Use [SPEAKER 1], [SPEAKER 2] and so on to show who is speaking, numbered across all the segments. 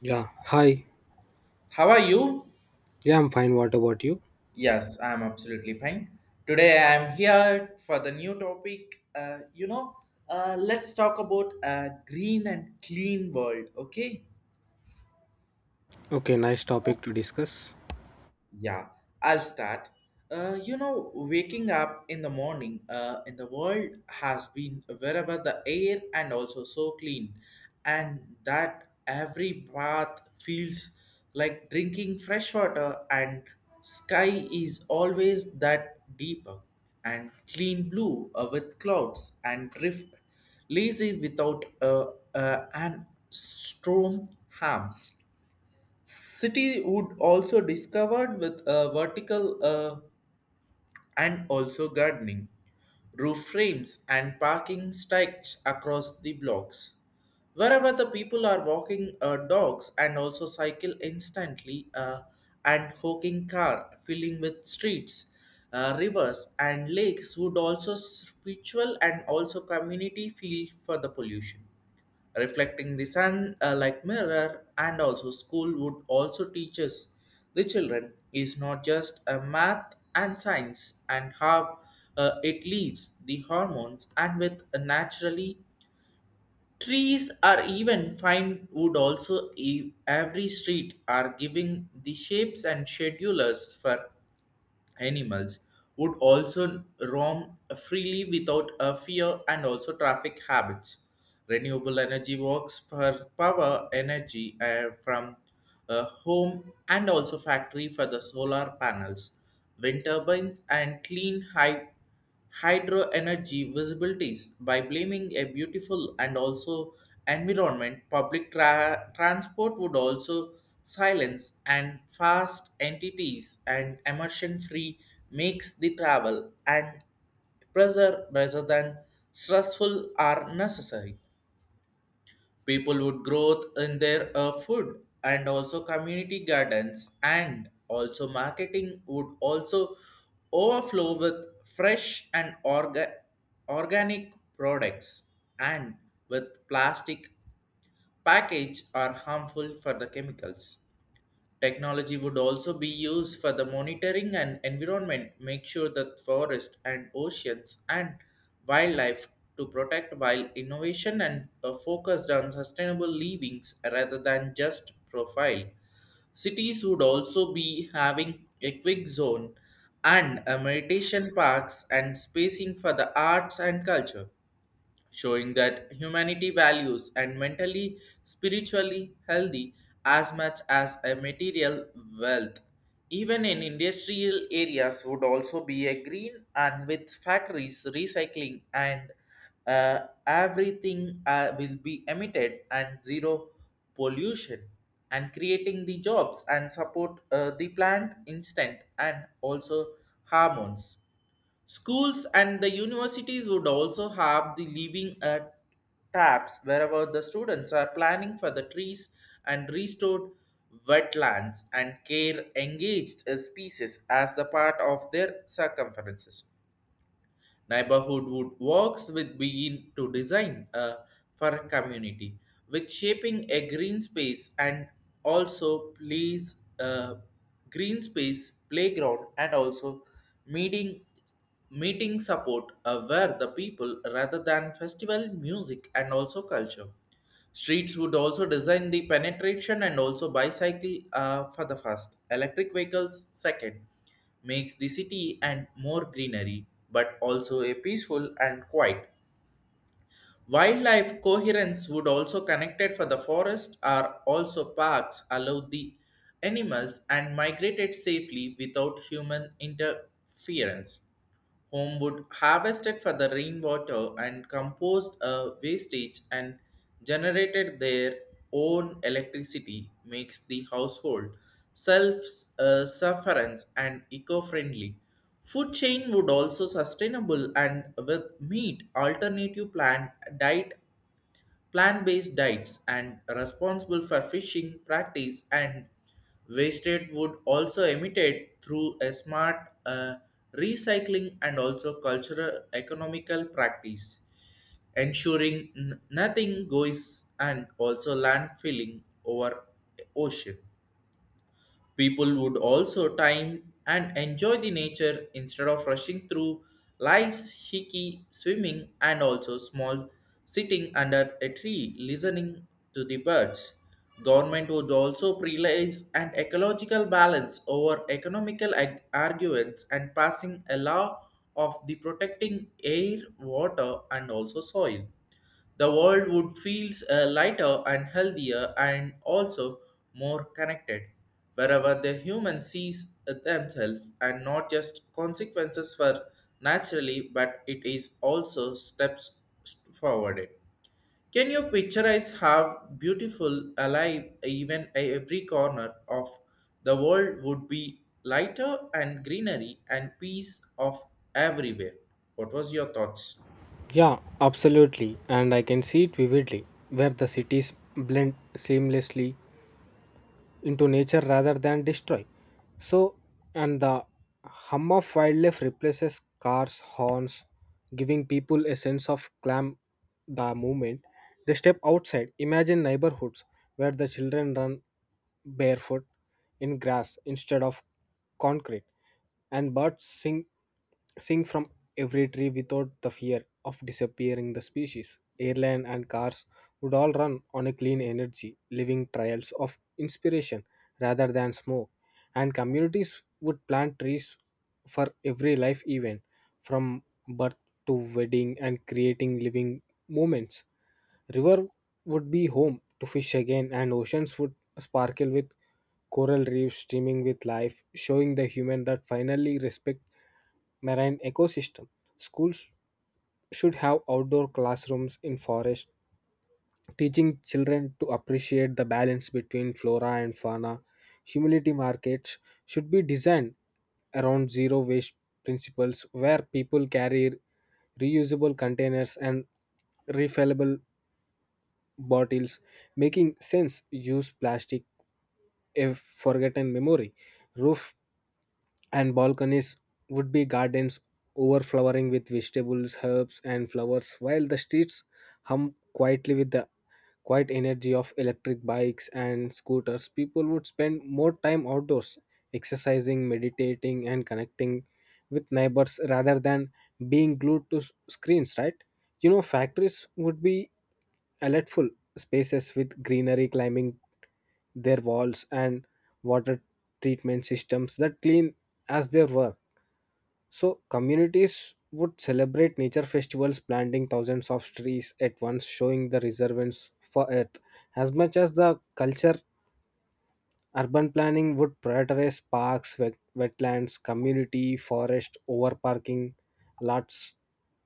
[SPEAKER 1] Yeah, hi.
[SPEAKER 2] How are you?
[SPEAKER 1] Yeah, I'm fine. What about you?
[SPEAKER 2] Yes, I'm absolutely fine. Today I'm here for the new topic. Let's talk about a green and clean world, okay?
[SPEAKER 1] Okay, nice topic to discuss.
[SPEAKER 2] Yeah, I'll start. Waking up in the morning in the world has been wherever the air and also so clean, and that every bath feels like drinking fresh water, and sky is always that deeper and clean blue with clouds and drift, lazy without and storm harms. City wood also discovered with a vertical and also gardening, roof frames and parking stretch across the blocks. Wherever the people are walking dogs and also cycle instantly and hawking car filling with streets, rivers and lakes would also spiritual and also community feel for the pollution reflecting the sun like mirror and also school would also teaches the children is not just a math and science and how it leaves the hormones and with a naturally trees are even fine wood also every street are giving the shapes and schedulers for animals would also roam freely without a fear and also traffic habits. Renewable energy works for power energy from a home and also factory for the solar panels, wind turbines, and clean high hydro energy visibilities by blaming a beautiful and also environment public transport would also silence and fast entities and emission free makes the travel and pressure rather than stressful are necessary people would growth in their food and also community gardens and also marketing would also overflow with fresh and organic products and with plastic package are harmful for the chemicals. Technology would also be used for the monitoring and environment, make sure that forests and oceans and wildlife to protect while innovation and a focused on sustainable livings rather than just profile. Cities would also be having a quick zone and a meditation parks and spacing for the arts and culture showing that humanity values and mentally spiritually healthy as much as a material wealth even in industrial areas would also be a green and with factories recycling and uh, everything will be emitted and zero pollution and creating the jobs and support the plant instant and also hormones. Schools and the universities would also have the leaving taps wherever the students are planning for the trees and restored wetlands and care engaged as species as a part of their circumferences. Neighborhood would works with being to design for a community, with shaping a green space and also please green space playground and also meeting meeting support where the people rather than festival music and also culture. Streets would also design the penetration and also bicycle for the first, electric vehicles second, makes the city and more greenery, but also a peaceful and quiet. Wildlife coherence would also connected for the forest are also parks allow the animals and migrated safely without human interference. Homewood harvested for the rainwater and composed a wastage and generated their own electricity makes the household self-sufferance and eco-friendly. Food chain would also sustainable and with meat alternative plant diet plant-based diets and responsible for fishing practice and wasted wood also emitted through a smart recycling and also cultural economical practice ensuring nothing goes and also landfilling over ocean. People would also time and enjoy the nature instead of rushing through life's hickey swimming and also small sitting under a tree listening to the birds. Government would also prioritize an ecological balance over economical arguments and passing a law of the protecting air, water and also soil the world would feel lighter and healthier and also more connected, wherever the human sees themselves and not just consequences for naturally, but it is also steps forward. Can you pictureize how beautiful, alive, even every corner of the world would be lighter and greenery and peace of everywhere? What was your thoughts?
[SPEAKER 1] Yeah, absolutely. And I can see it vividly where the cities blend seamlessly into nature rather than destroy. So, and the hum of wildlife replaces cars, horns, giving people a sense of clam the moment they step outside. Imagine neighborhoods where the children run barefoot in grass instead of concrete and birds sing from every tree without the fear of disappearing the species. Airline and cars would all run on a clean energy, living trials of inspiration rather than smoke. And communities would plant trees for every life event, from birth to wedding, and creating living moments. River would be home to fish again, and oceans would sparkle with coral reefs streaming with life, showing the human that finally respect marine ecosystem. Schools should have outdoor classrooms in forest, teaching children to appreciate the balance between flora and fauna. Humility markets should be designed around zero waste principles where people carry reusable containers and refillable bottles making sense use plastic a forgotten memory roof and balconies would be gardens overflowing with vegetables herbs and flowers while the streets hum quietly with the quiet energy of electric bikes and scooters people would spend more time outdoors exercising meditating and connecting with neighbors rather than being glued to screens, right? Factories would be delightful spaces with greenery climbing their walls and water treatment systems that clean as they were. So, communities would celebrate nature festivals, planting thousands of trees at once, showing the reservoirs for earth. As much as the culture, urban planning would prioritize parks, wetlands, community, forest, over parking lots,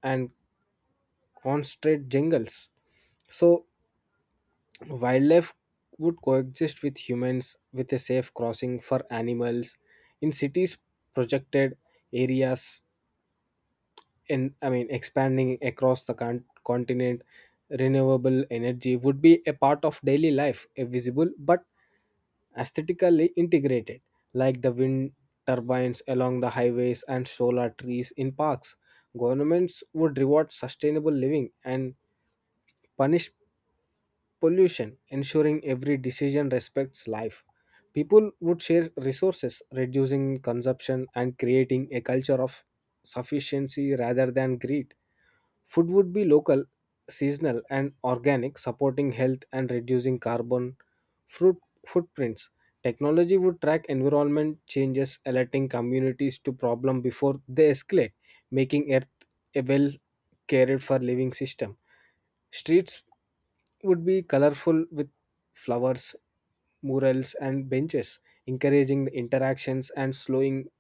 [SPEAKER 1] and concentrate jungles. So, wildlife would coexist with humans with a safe crossing for animals in cities projected areas in, I mean, expanding across the continent. Renewable energy would be a part of daily life, a visible but aesthetically integrated, like the wind turbines along the highways and solar trees in parks. Governments would reward sustainable living and punish pollution, ensuring every decision respects life. People would share resources, reducing consumption and creating a culture of sufficiency rather than greed. Food would be local, seasonal, and organic, supporting health and reducing carbon fruit footprints. Technology would track environment changes, alerting communities to problem before they escalate, making Earth a well cared for living system. Streets would be colorful with flowers, murals, and benches, encouraging the interactions and slowing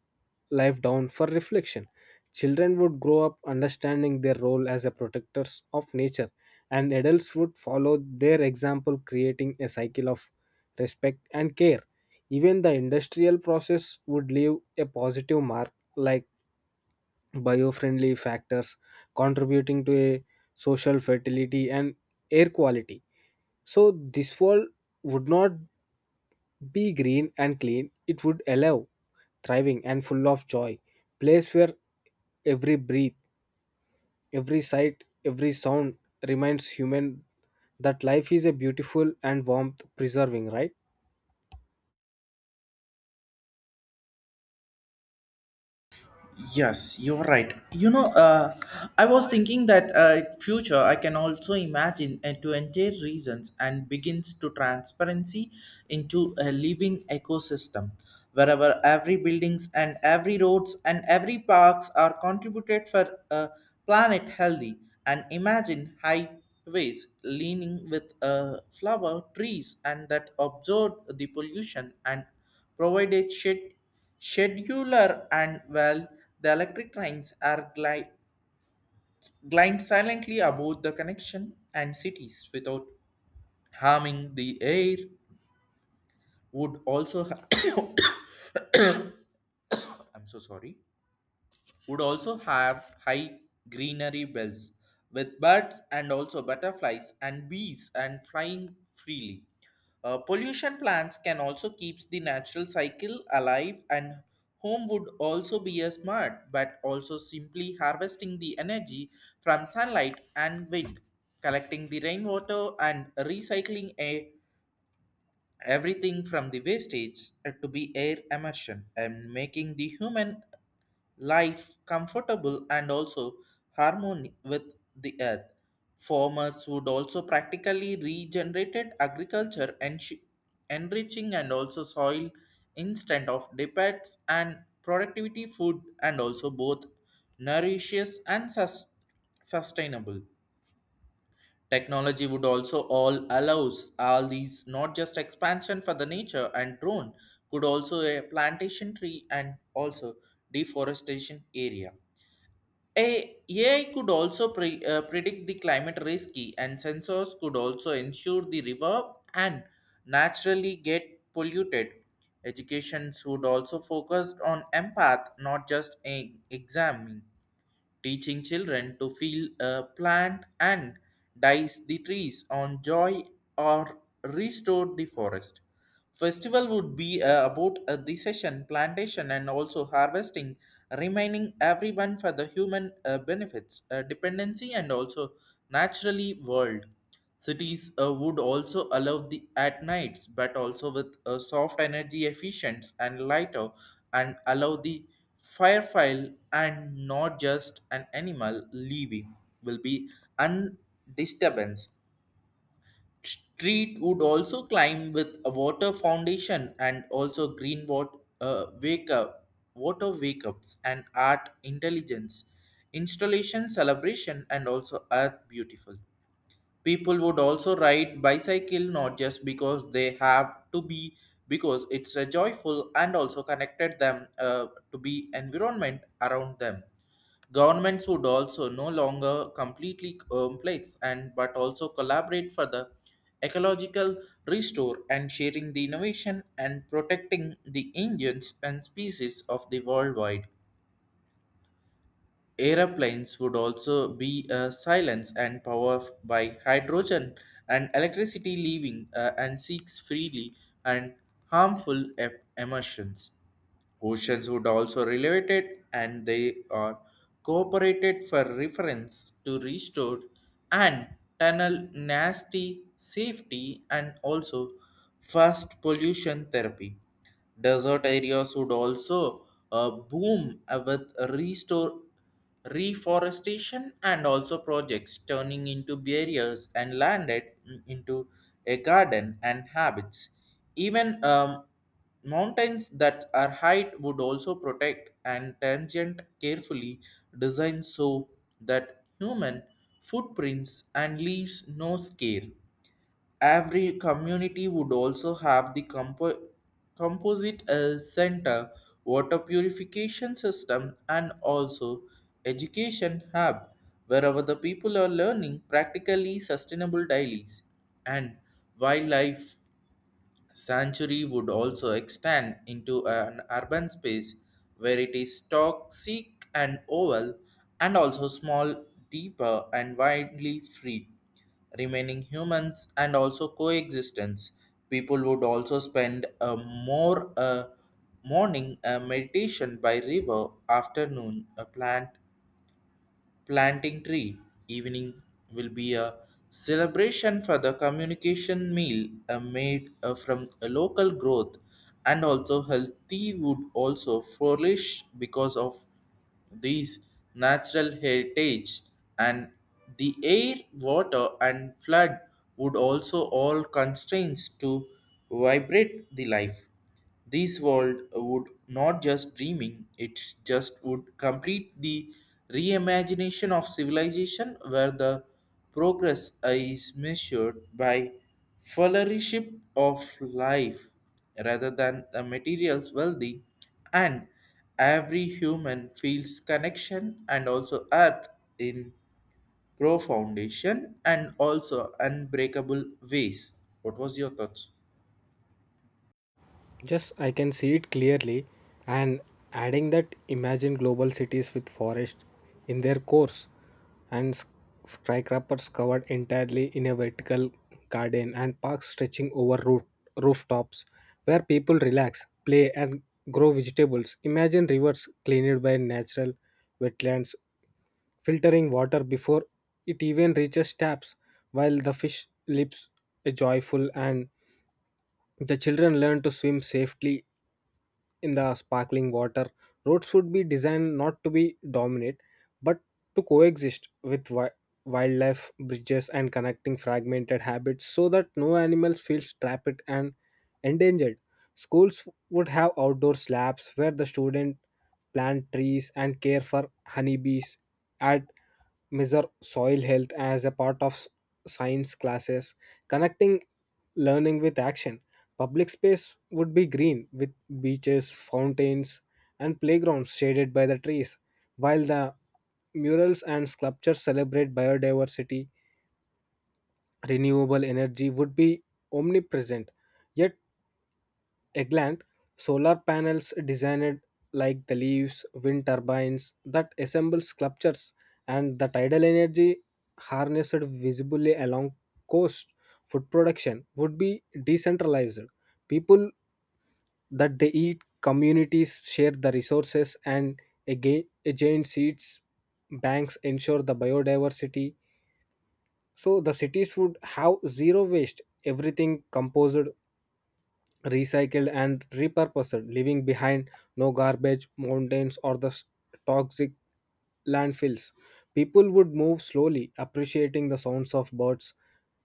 [SPEAKER 1] life down for reflection. Children would grow up understanding their role as a protectors of nature, and adults would follow their example, creating a cycle of respect and care. Even the industrial process would leave a positive mark, like biofriendly factors contributing to a social fertility and air quality. So this world would not be green and clean, it would allow thriving and full of joy place where every breath, every sight, every sound reminds human that life is a beautiful and warmth preserving, right?
[SPEAKER 2] Yes, you're right. I was thinking that future I can also imagine to enter reasons and begins to transparency into a living ecosystem, wherever every buildings and every roads and every parks are contributed for a planet healthy. And imagine highways leaning with flower trees and that absorb the pollution and provided shade. Scheduler and well, the electric trains are glide silently above the connection and cities without harming the air would also I'm so sorry, would also have high greenery bells with birds and also butterflies and bees and flying freely. Pollution plants can also keeps the natural cycle alive and home would also be a smart but also simply harvesting the energy from sunlight and wind collecting the rainwater and recycling a everything from the wastage to be air immersion and making the human life comfortable and also harmony with the earth. Farmers would also practically regenerated agriculture and enriching and also soil instant of depths and productivity food and also both nourishes and sustainable. Technology would also all allows all these not just expansion for the nature and drone could also a plantation tree and also deforestation area a AI could also predict the climate risky, and sensors could also ensure the river and naturally get polluted. Education should also focus on empath, not just examine teaching children to feel a plant and dice the trees on joy or restore the forest. Festival would be about the session, plantation, and also harvesting, reminding everyone for the human benefits, dependency, and also naturally world. Cities would also allow the at nights, but also with a soft energy efficient and lighter, and allow the firefly and not just an animal leaving will be undisturbance. Street would also climb with a water foundation and also green water wake up water wake ups and art intelligence installation celebration and also earth beautiful. People would also ride bicycle not just because they have to be because it's a joyful and also connected them to be environment around them. Governments would also no longer completely complex and but also collaborate for the ecological restore and sharing the innovation and protecting the engines and species of the worldwide. Aeroplanes would also be silenced and powered by hydrogen and electricity, leaving and seeks freely and harmful emissions. Oceans would also relate it, and they are cooperated for reference to restore and tunnel nasty safety and also fast pollution therapy. Desert areas would also boom with restore reforestation and also projects turning into barriers and landed into a garden and habits. Even mountains that are height would also protect and tangent carefully designed so that human footprints and leaves no scale. Every community would also have the composite center, water purification system, and also education hub, wherever the people are learning practically sustainable dailies and wildlife Sanctuary would also extend into an urban space where it is toxic and oval and also small, deeper and widely free, remaining humans and also coexistence. People would also spend a more morning meditation by river, afternoon a planting tree. Evening will be a celebration for the communication meal made from a local growth and also healthy would also flourish because of these natural heritage and the air, water and flood would also all constraints to vibrate the life this world would not just dreaming, it just would complete the reimagination of civilization where the progress is measured by fellowship of life rather than the material's wealthy and every human feels connection and also earth in profoundation and also unbreakable ways. What was your thoughts?
[SPEAKER 1] Yes, I can see it clearly. And adding that, imagine global cities with forests in their cores and skyscrapers covered entirely in a vertical garden and parks stretching over rooftops where people relax, play, and grow vegetables. Imagine rivers cleaned by natural wetlands, filtering water before it even reaches taps, while the fish lives joyful and the children learn to swim safely in the sparkling water. Roads would be designed not to be dominant but to coexist with wildlife, bridges, and connecting fragmented habits so that no animals feels trapped and endangered. Schools would have outdoor slabs where the student plant trees and care for honeybees at measure soil health as a part of science classes, connecting learning with action. Public space would be green with beaches, fountains, and playgrounds shaded by the trees, while the murals and sculptures celebrate biodiversity. Renewable energy would be omnipresent, yet Eggland, solar panels designed like the leaves, wind turbines that assemble sculptures, and the tidal energy harnessed visibly along coast. Food production would be decentralized. People that they eat, communities share the resources, and again, giant seeds banks ensure the biodiversity. So the cities would have zero waste, everything composed recycled and repurposed, leaving behind no garbage mountains or the toxic landfills. People would move slowly, appreciating the sounds of birds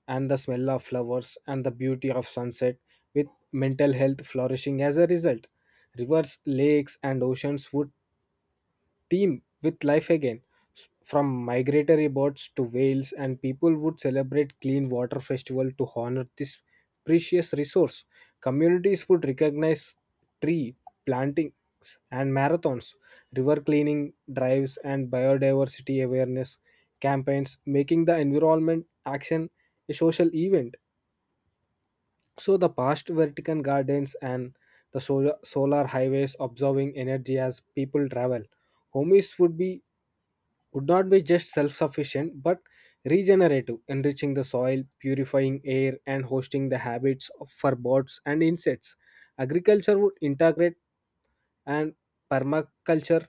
[SPEAKER 1] and the smell of flowers and the beauty of sunset, with mental health flourishing as a result. Rivers, lakes, and oceans would theme with life again. From migratory birds to whales, and people would celebrate clean water festival to honor this precious resource. Communities would recognize tree plantings and marathons, river cleaning drives, and biodiversity awareness campaigns, making the environment action a social event. So the past Vatican gardens and the solar highways observing energy as people travel. Homies would be would not be just self sufficient but regenerative, enriching the soil, purifying air, and hosting the habits for birds and insects. Agriculture would integrate and permaculture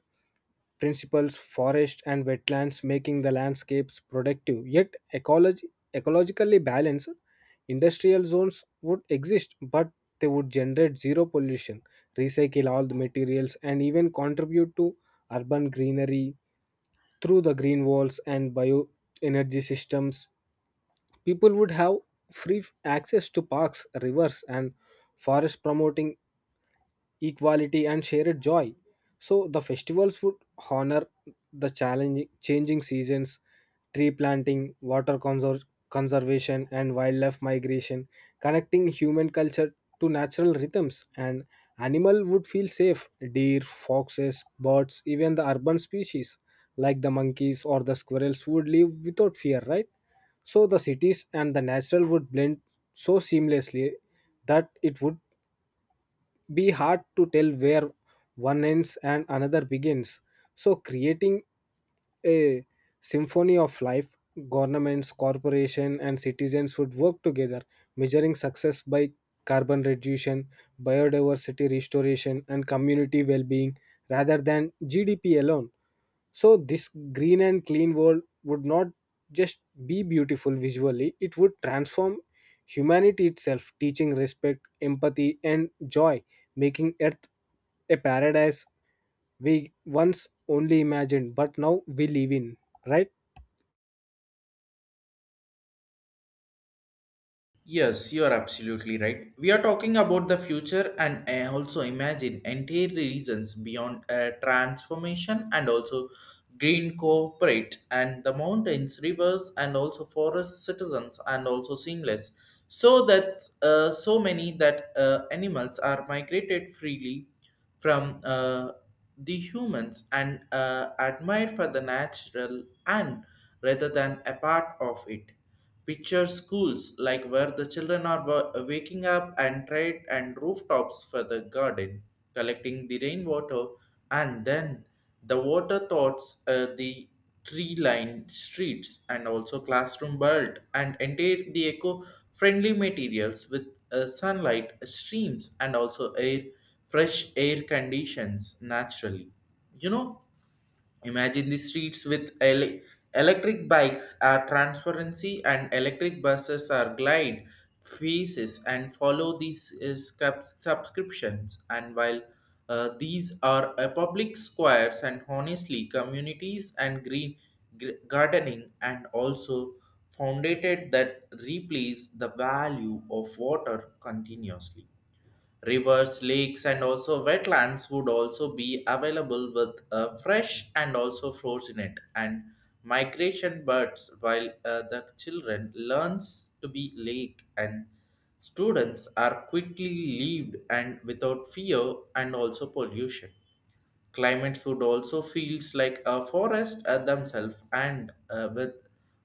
[SPEAKER 1] principles, forest and wetlands, making the landscapes productive yet ecologically balanced. Industrial zones would exist, but they would generate zero pollution, recycle all the materials, and even contribute to urban greenery through the green walls and bioenergy systems. People would have free access to parks, rivers, and forests, promoting equality and shared joy. So the festivals would honor the challenging changing seasons, tree planting, water conservation, and wildlife migration, connecting human culture to natural rhythms, and animal would feel safe, deer, foxes, birds, even the urban species like the monkeys or the squirrels would live without fear, right? So the cities and the natural would blend so seamlessly that it would be hard to tell where one ends and another begins. So, creating a symphony of life, governments, corporations, and citizens would work together, measuring success by carbon reduction, biodiversity restoration, and community well being rather than GDP alone. So, this green and clean world would not just be beautiful visually, it would transform humanity itself, teaching respect, empathy, and joy, making Earth a paradise we once only imagined but now we live in, right?
[SPEAKER 2] Yes, you are absolutely right. We are talking about the future and also imagine entire regions beyond transformation and also green corporate and the mountains, rivers, and also forest citizens and also seamless. So that so many that animals are migrated freely from the humans and admired for the natural and rather than a part of it. Picture schools like where the children are waking up and trade and rooftops for the garden, collecting the rainwater, and then the water thoughts the tree-lined streets and also classroom built and enter the eco-friendly materials with sunlight streams and also air fresh air conditions naturally. You know, imagine the streets with electric bikes are transparency and electric buses are glide faces and follow these subscriptions. And while these are public squares and honestly communities and green gardening and also founded that replace the value of water continuously. Rivers, lakes, and also wetlands would also be available with fresh and also frozen it and migration birds while the children learns to be lake and students are quickly leaved and without fear and also pollution. Climates would also feels like a forest themselves and with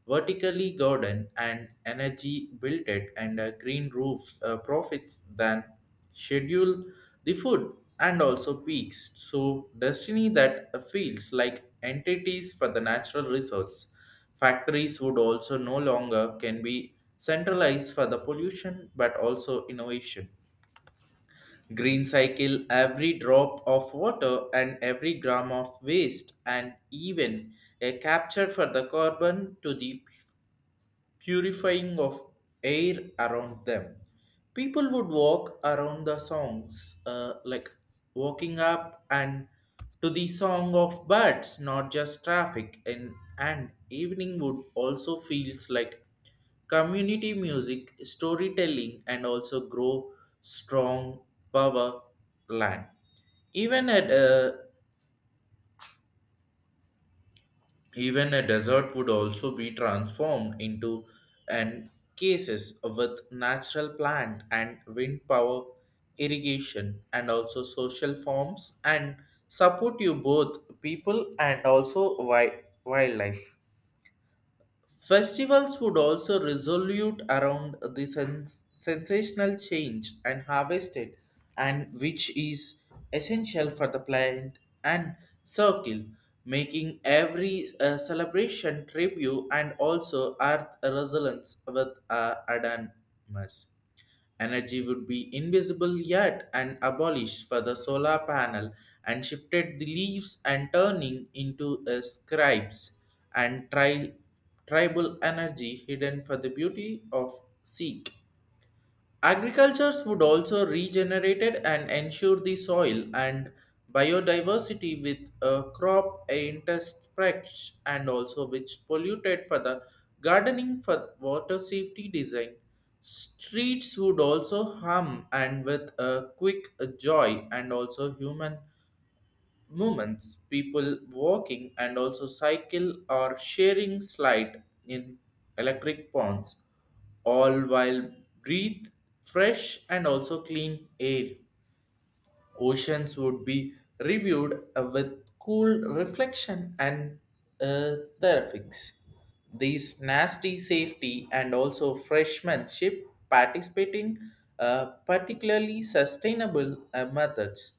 [SPEAKER 2] vertically garden and energy built it and green roofs profits than schedule the food and also peaks. So destiny that feels like entities for the natural resource. Factories would also no longer can be centralized for the pollution but also innovation. Green cycle every drop of water and every gram of waste and even a capture for the carbon to the purifying of air around them. People would walk around the songs, like walking up and to the song of birds, not just traffic. And evening would also feels like community music, storytelling, and also grow strong power land. Even at Even a desert would also be transformed into an cases with natural plant and wind power irrigation and also social forms and support you both people and also wildlife. Festivals would also resolute around the sensational change and harvested, and which is essential for the plant and circle, making every celebration tribute and also earth resonance with Adamus. Energy would be invisible yet and abolished for the solar panel and shifted the leaves and turning into a scribes and tribal energy hidden for the beauty of Sikh. Agricultures would also regenerate it and ensure the soil and biodiversity with a crop interspecs and also which polluted for the gardening for water safety design. Streets would also hum and with a quick joy and also human moments, people walking and also cycle or sharing slide in electric ponds, all while breathe fresh and also clean air. Oceans would be reviewed with cool reflection and therapies. These nasty safety and also freshmanship participating particularly sustainable methods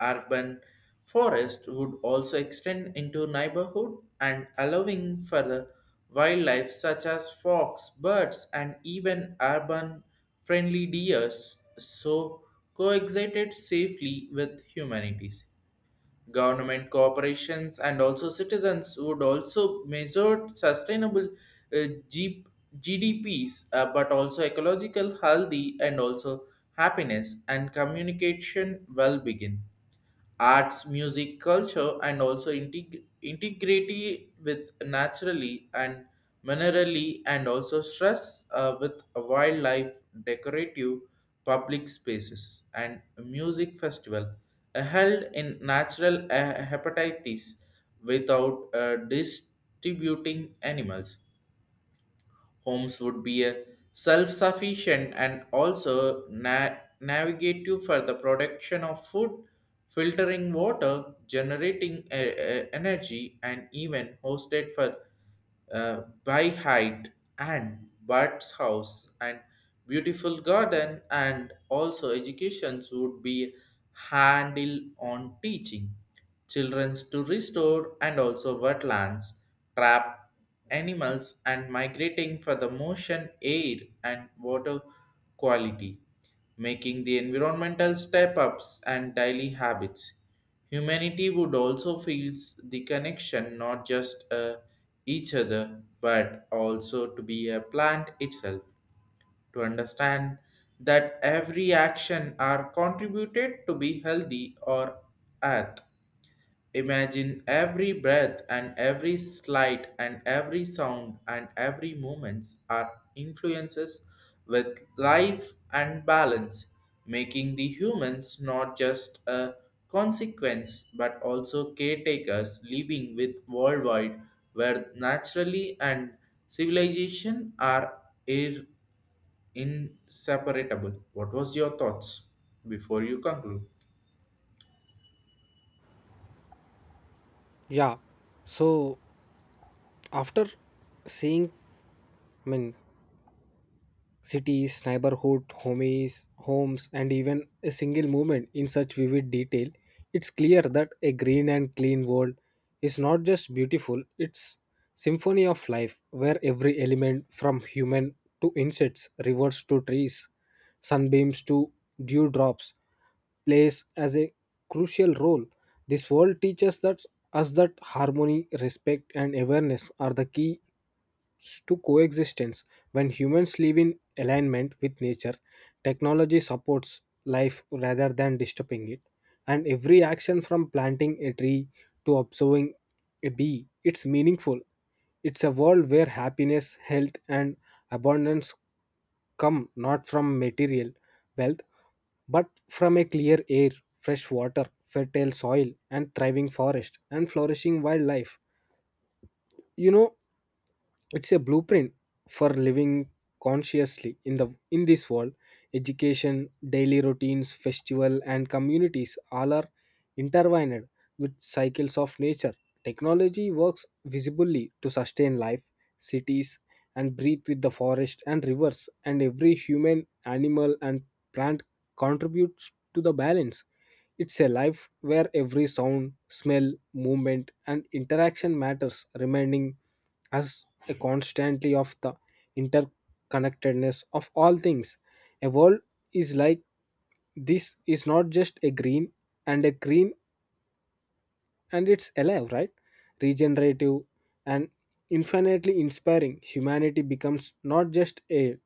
[SPEAKER 2] urban forest would also extend into neighborhood and allowing for the wildlife such as fox, birds, and even urban friendly deers so coexisted safely with humanities. Government corporations and also citizens would also measure sustainable uh, G- GDPs but also ecological healthy and also happiness and communication well begin arts, music, culture, and also integrity with naturally and minerally, and also stress with wildlife, decorative, public spaces, and a music festival held in natural hepatitis without distributing animals. Homes would be a self-sufficient and also navigative for the production of food, filtering water, generating energy, and even hosted for by height and bird's house and beautiful garden and also educations would be handle on teaching children's to restore and also wetlands trap animals and migrating for the motion, air, and water quality, making the environmental step ups and daily habits. Humanity would also feels the connection not just each other but also to be a plant itself to understand that every action are contributed to be healthy or earth. Imagine every breath and every slight and every sound and every moments are influences with life and balance, making the humans not just a consequence but also caretakers living with worldwide where naturally and civilization are ir- inseparable. What was your thoughts before you conclude?
[SPEAKER 1] Yeah. So, after seeing, I mean, cities, neighborhood, homies, homes, and even a single movement in such vivid detail, it's clear that a green and clean world is not just beautiful, it's symphony of life where every element from human to insects, rivers to trees, sunbeams to dewdrops plays as a crucial role. This world teaches that us that harmony, respect, and awareness are the key to coexistence. When humans live in alignment with nature, technology supports life rather than disturbing it. And every action from planting a tree to observing a bee, it's meaningful. It's a world where happiness, health, and abundance come not from material wealth, but from a clear air, fresh water, fertile soil, and thriving forest, and flourishing wildlife. You know, it's a blueprint for living consciously in the in this world. Education, daily routines, festival and communities all are intertwined with cycles of nature. Technology works visibly to sustain life, cities and breathe with the forest and rivers, and every human, animal and plant contributes to the balance. It's a life where every sound, smell, movement, and interaction matters, reminding us constantly of the interconnectedness of all things. A world is like this is not just a green, and it's alive, right? Regenerative and infinitely inspiring. Humanity becomes not just a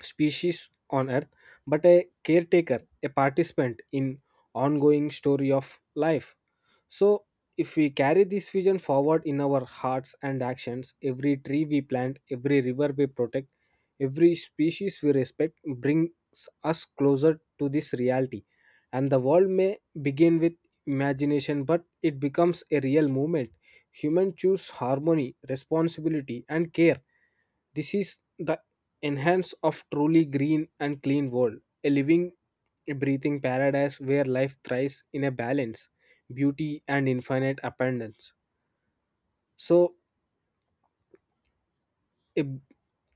[SPEAKER 1] species on earth but a caretaker, a participant in ongoing story of life. So if we carry this vision forward in our hearts and actions, every tree we plant, every river we protect, every species we respect brings us closer to this reality, and the world may begin with imagination but it becomes a real movement. Humans choose harmony, responsibility and care. This is the enhance of truly green and clean world, a living, a breathing paradise where life thrives in a balance, beauty and infinite abundance. So, a,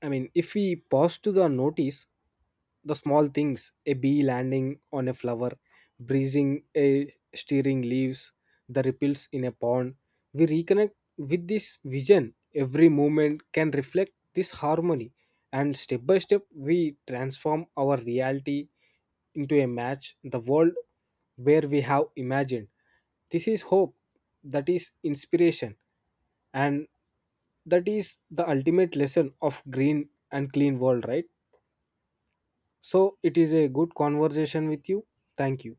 [SPEAKER 1] I mean, if we pause to the notice the small things, a bee landing on a flower, breezing a steering leaves, the ripples in a pond, we reconnect with this vision. Every movement can reflect this harmony, and step by step, we transform our reality into a match, the world where we have imagined. This is hope, that is inspiration, and that is the ultimate lesson of green and clean world, right? So it is a good conversation with you. Thank you.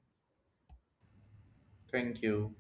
[SPEAKER 2] Thank you.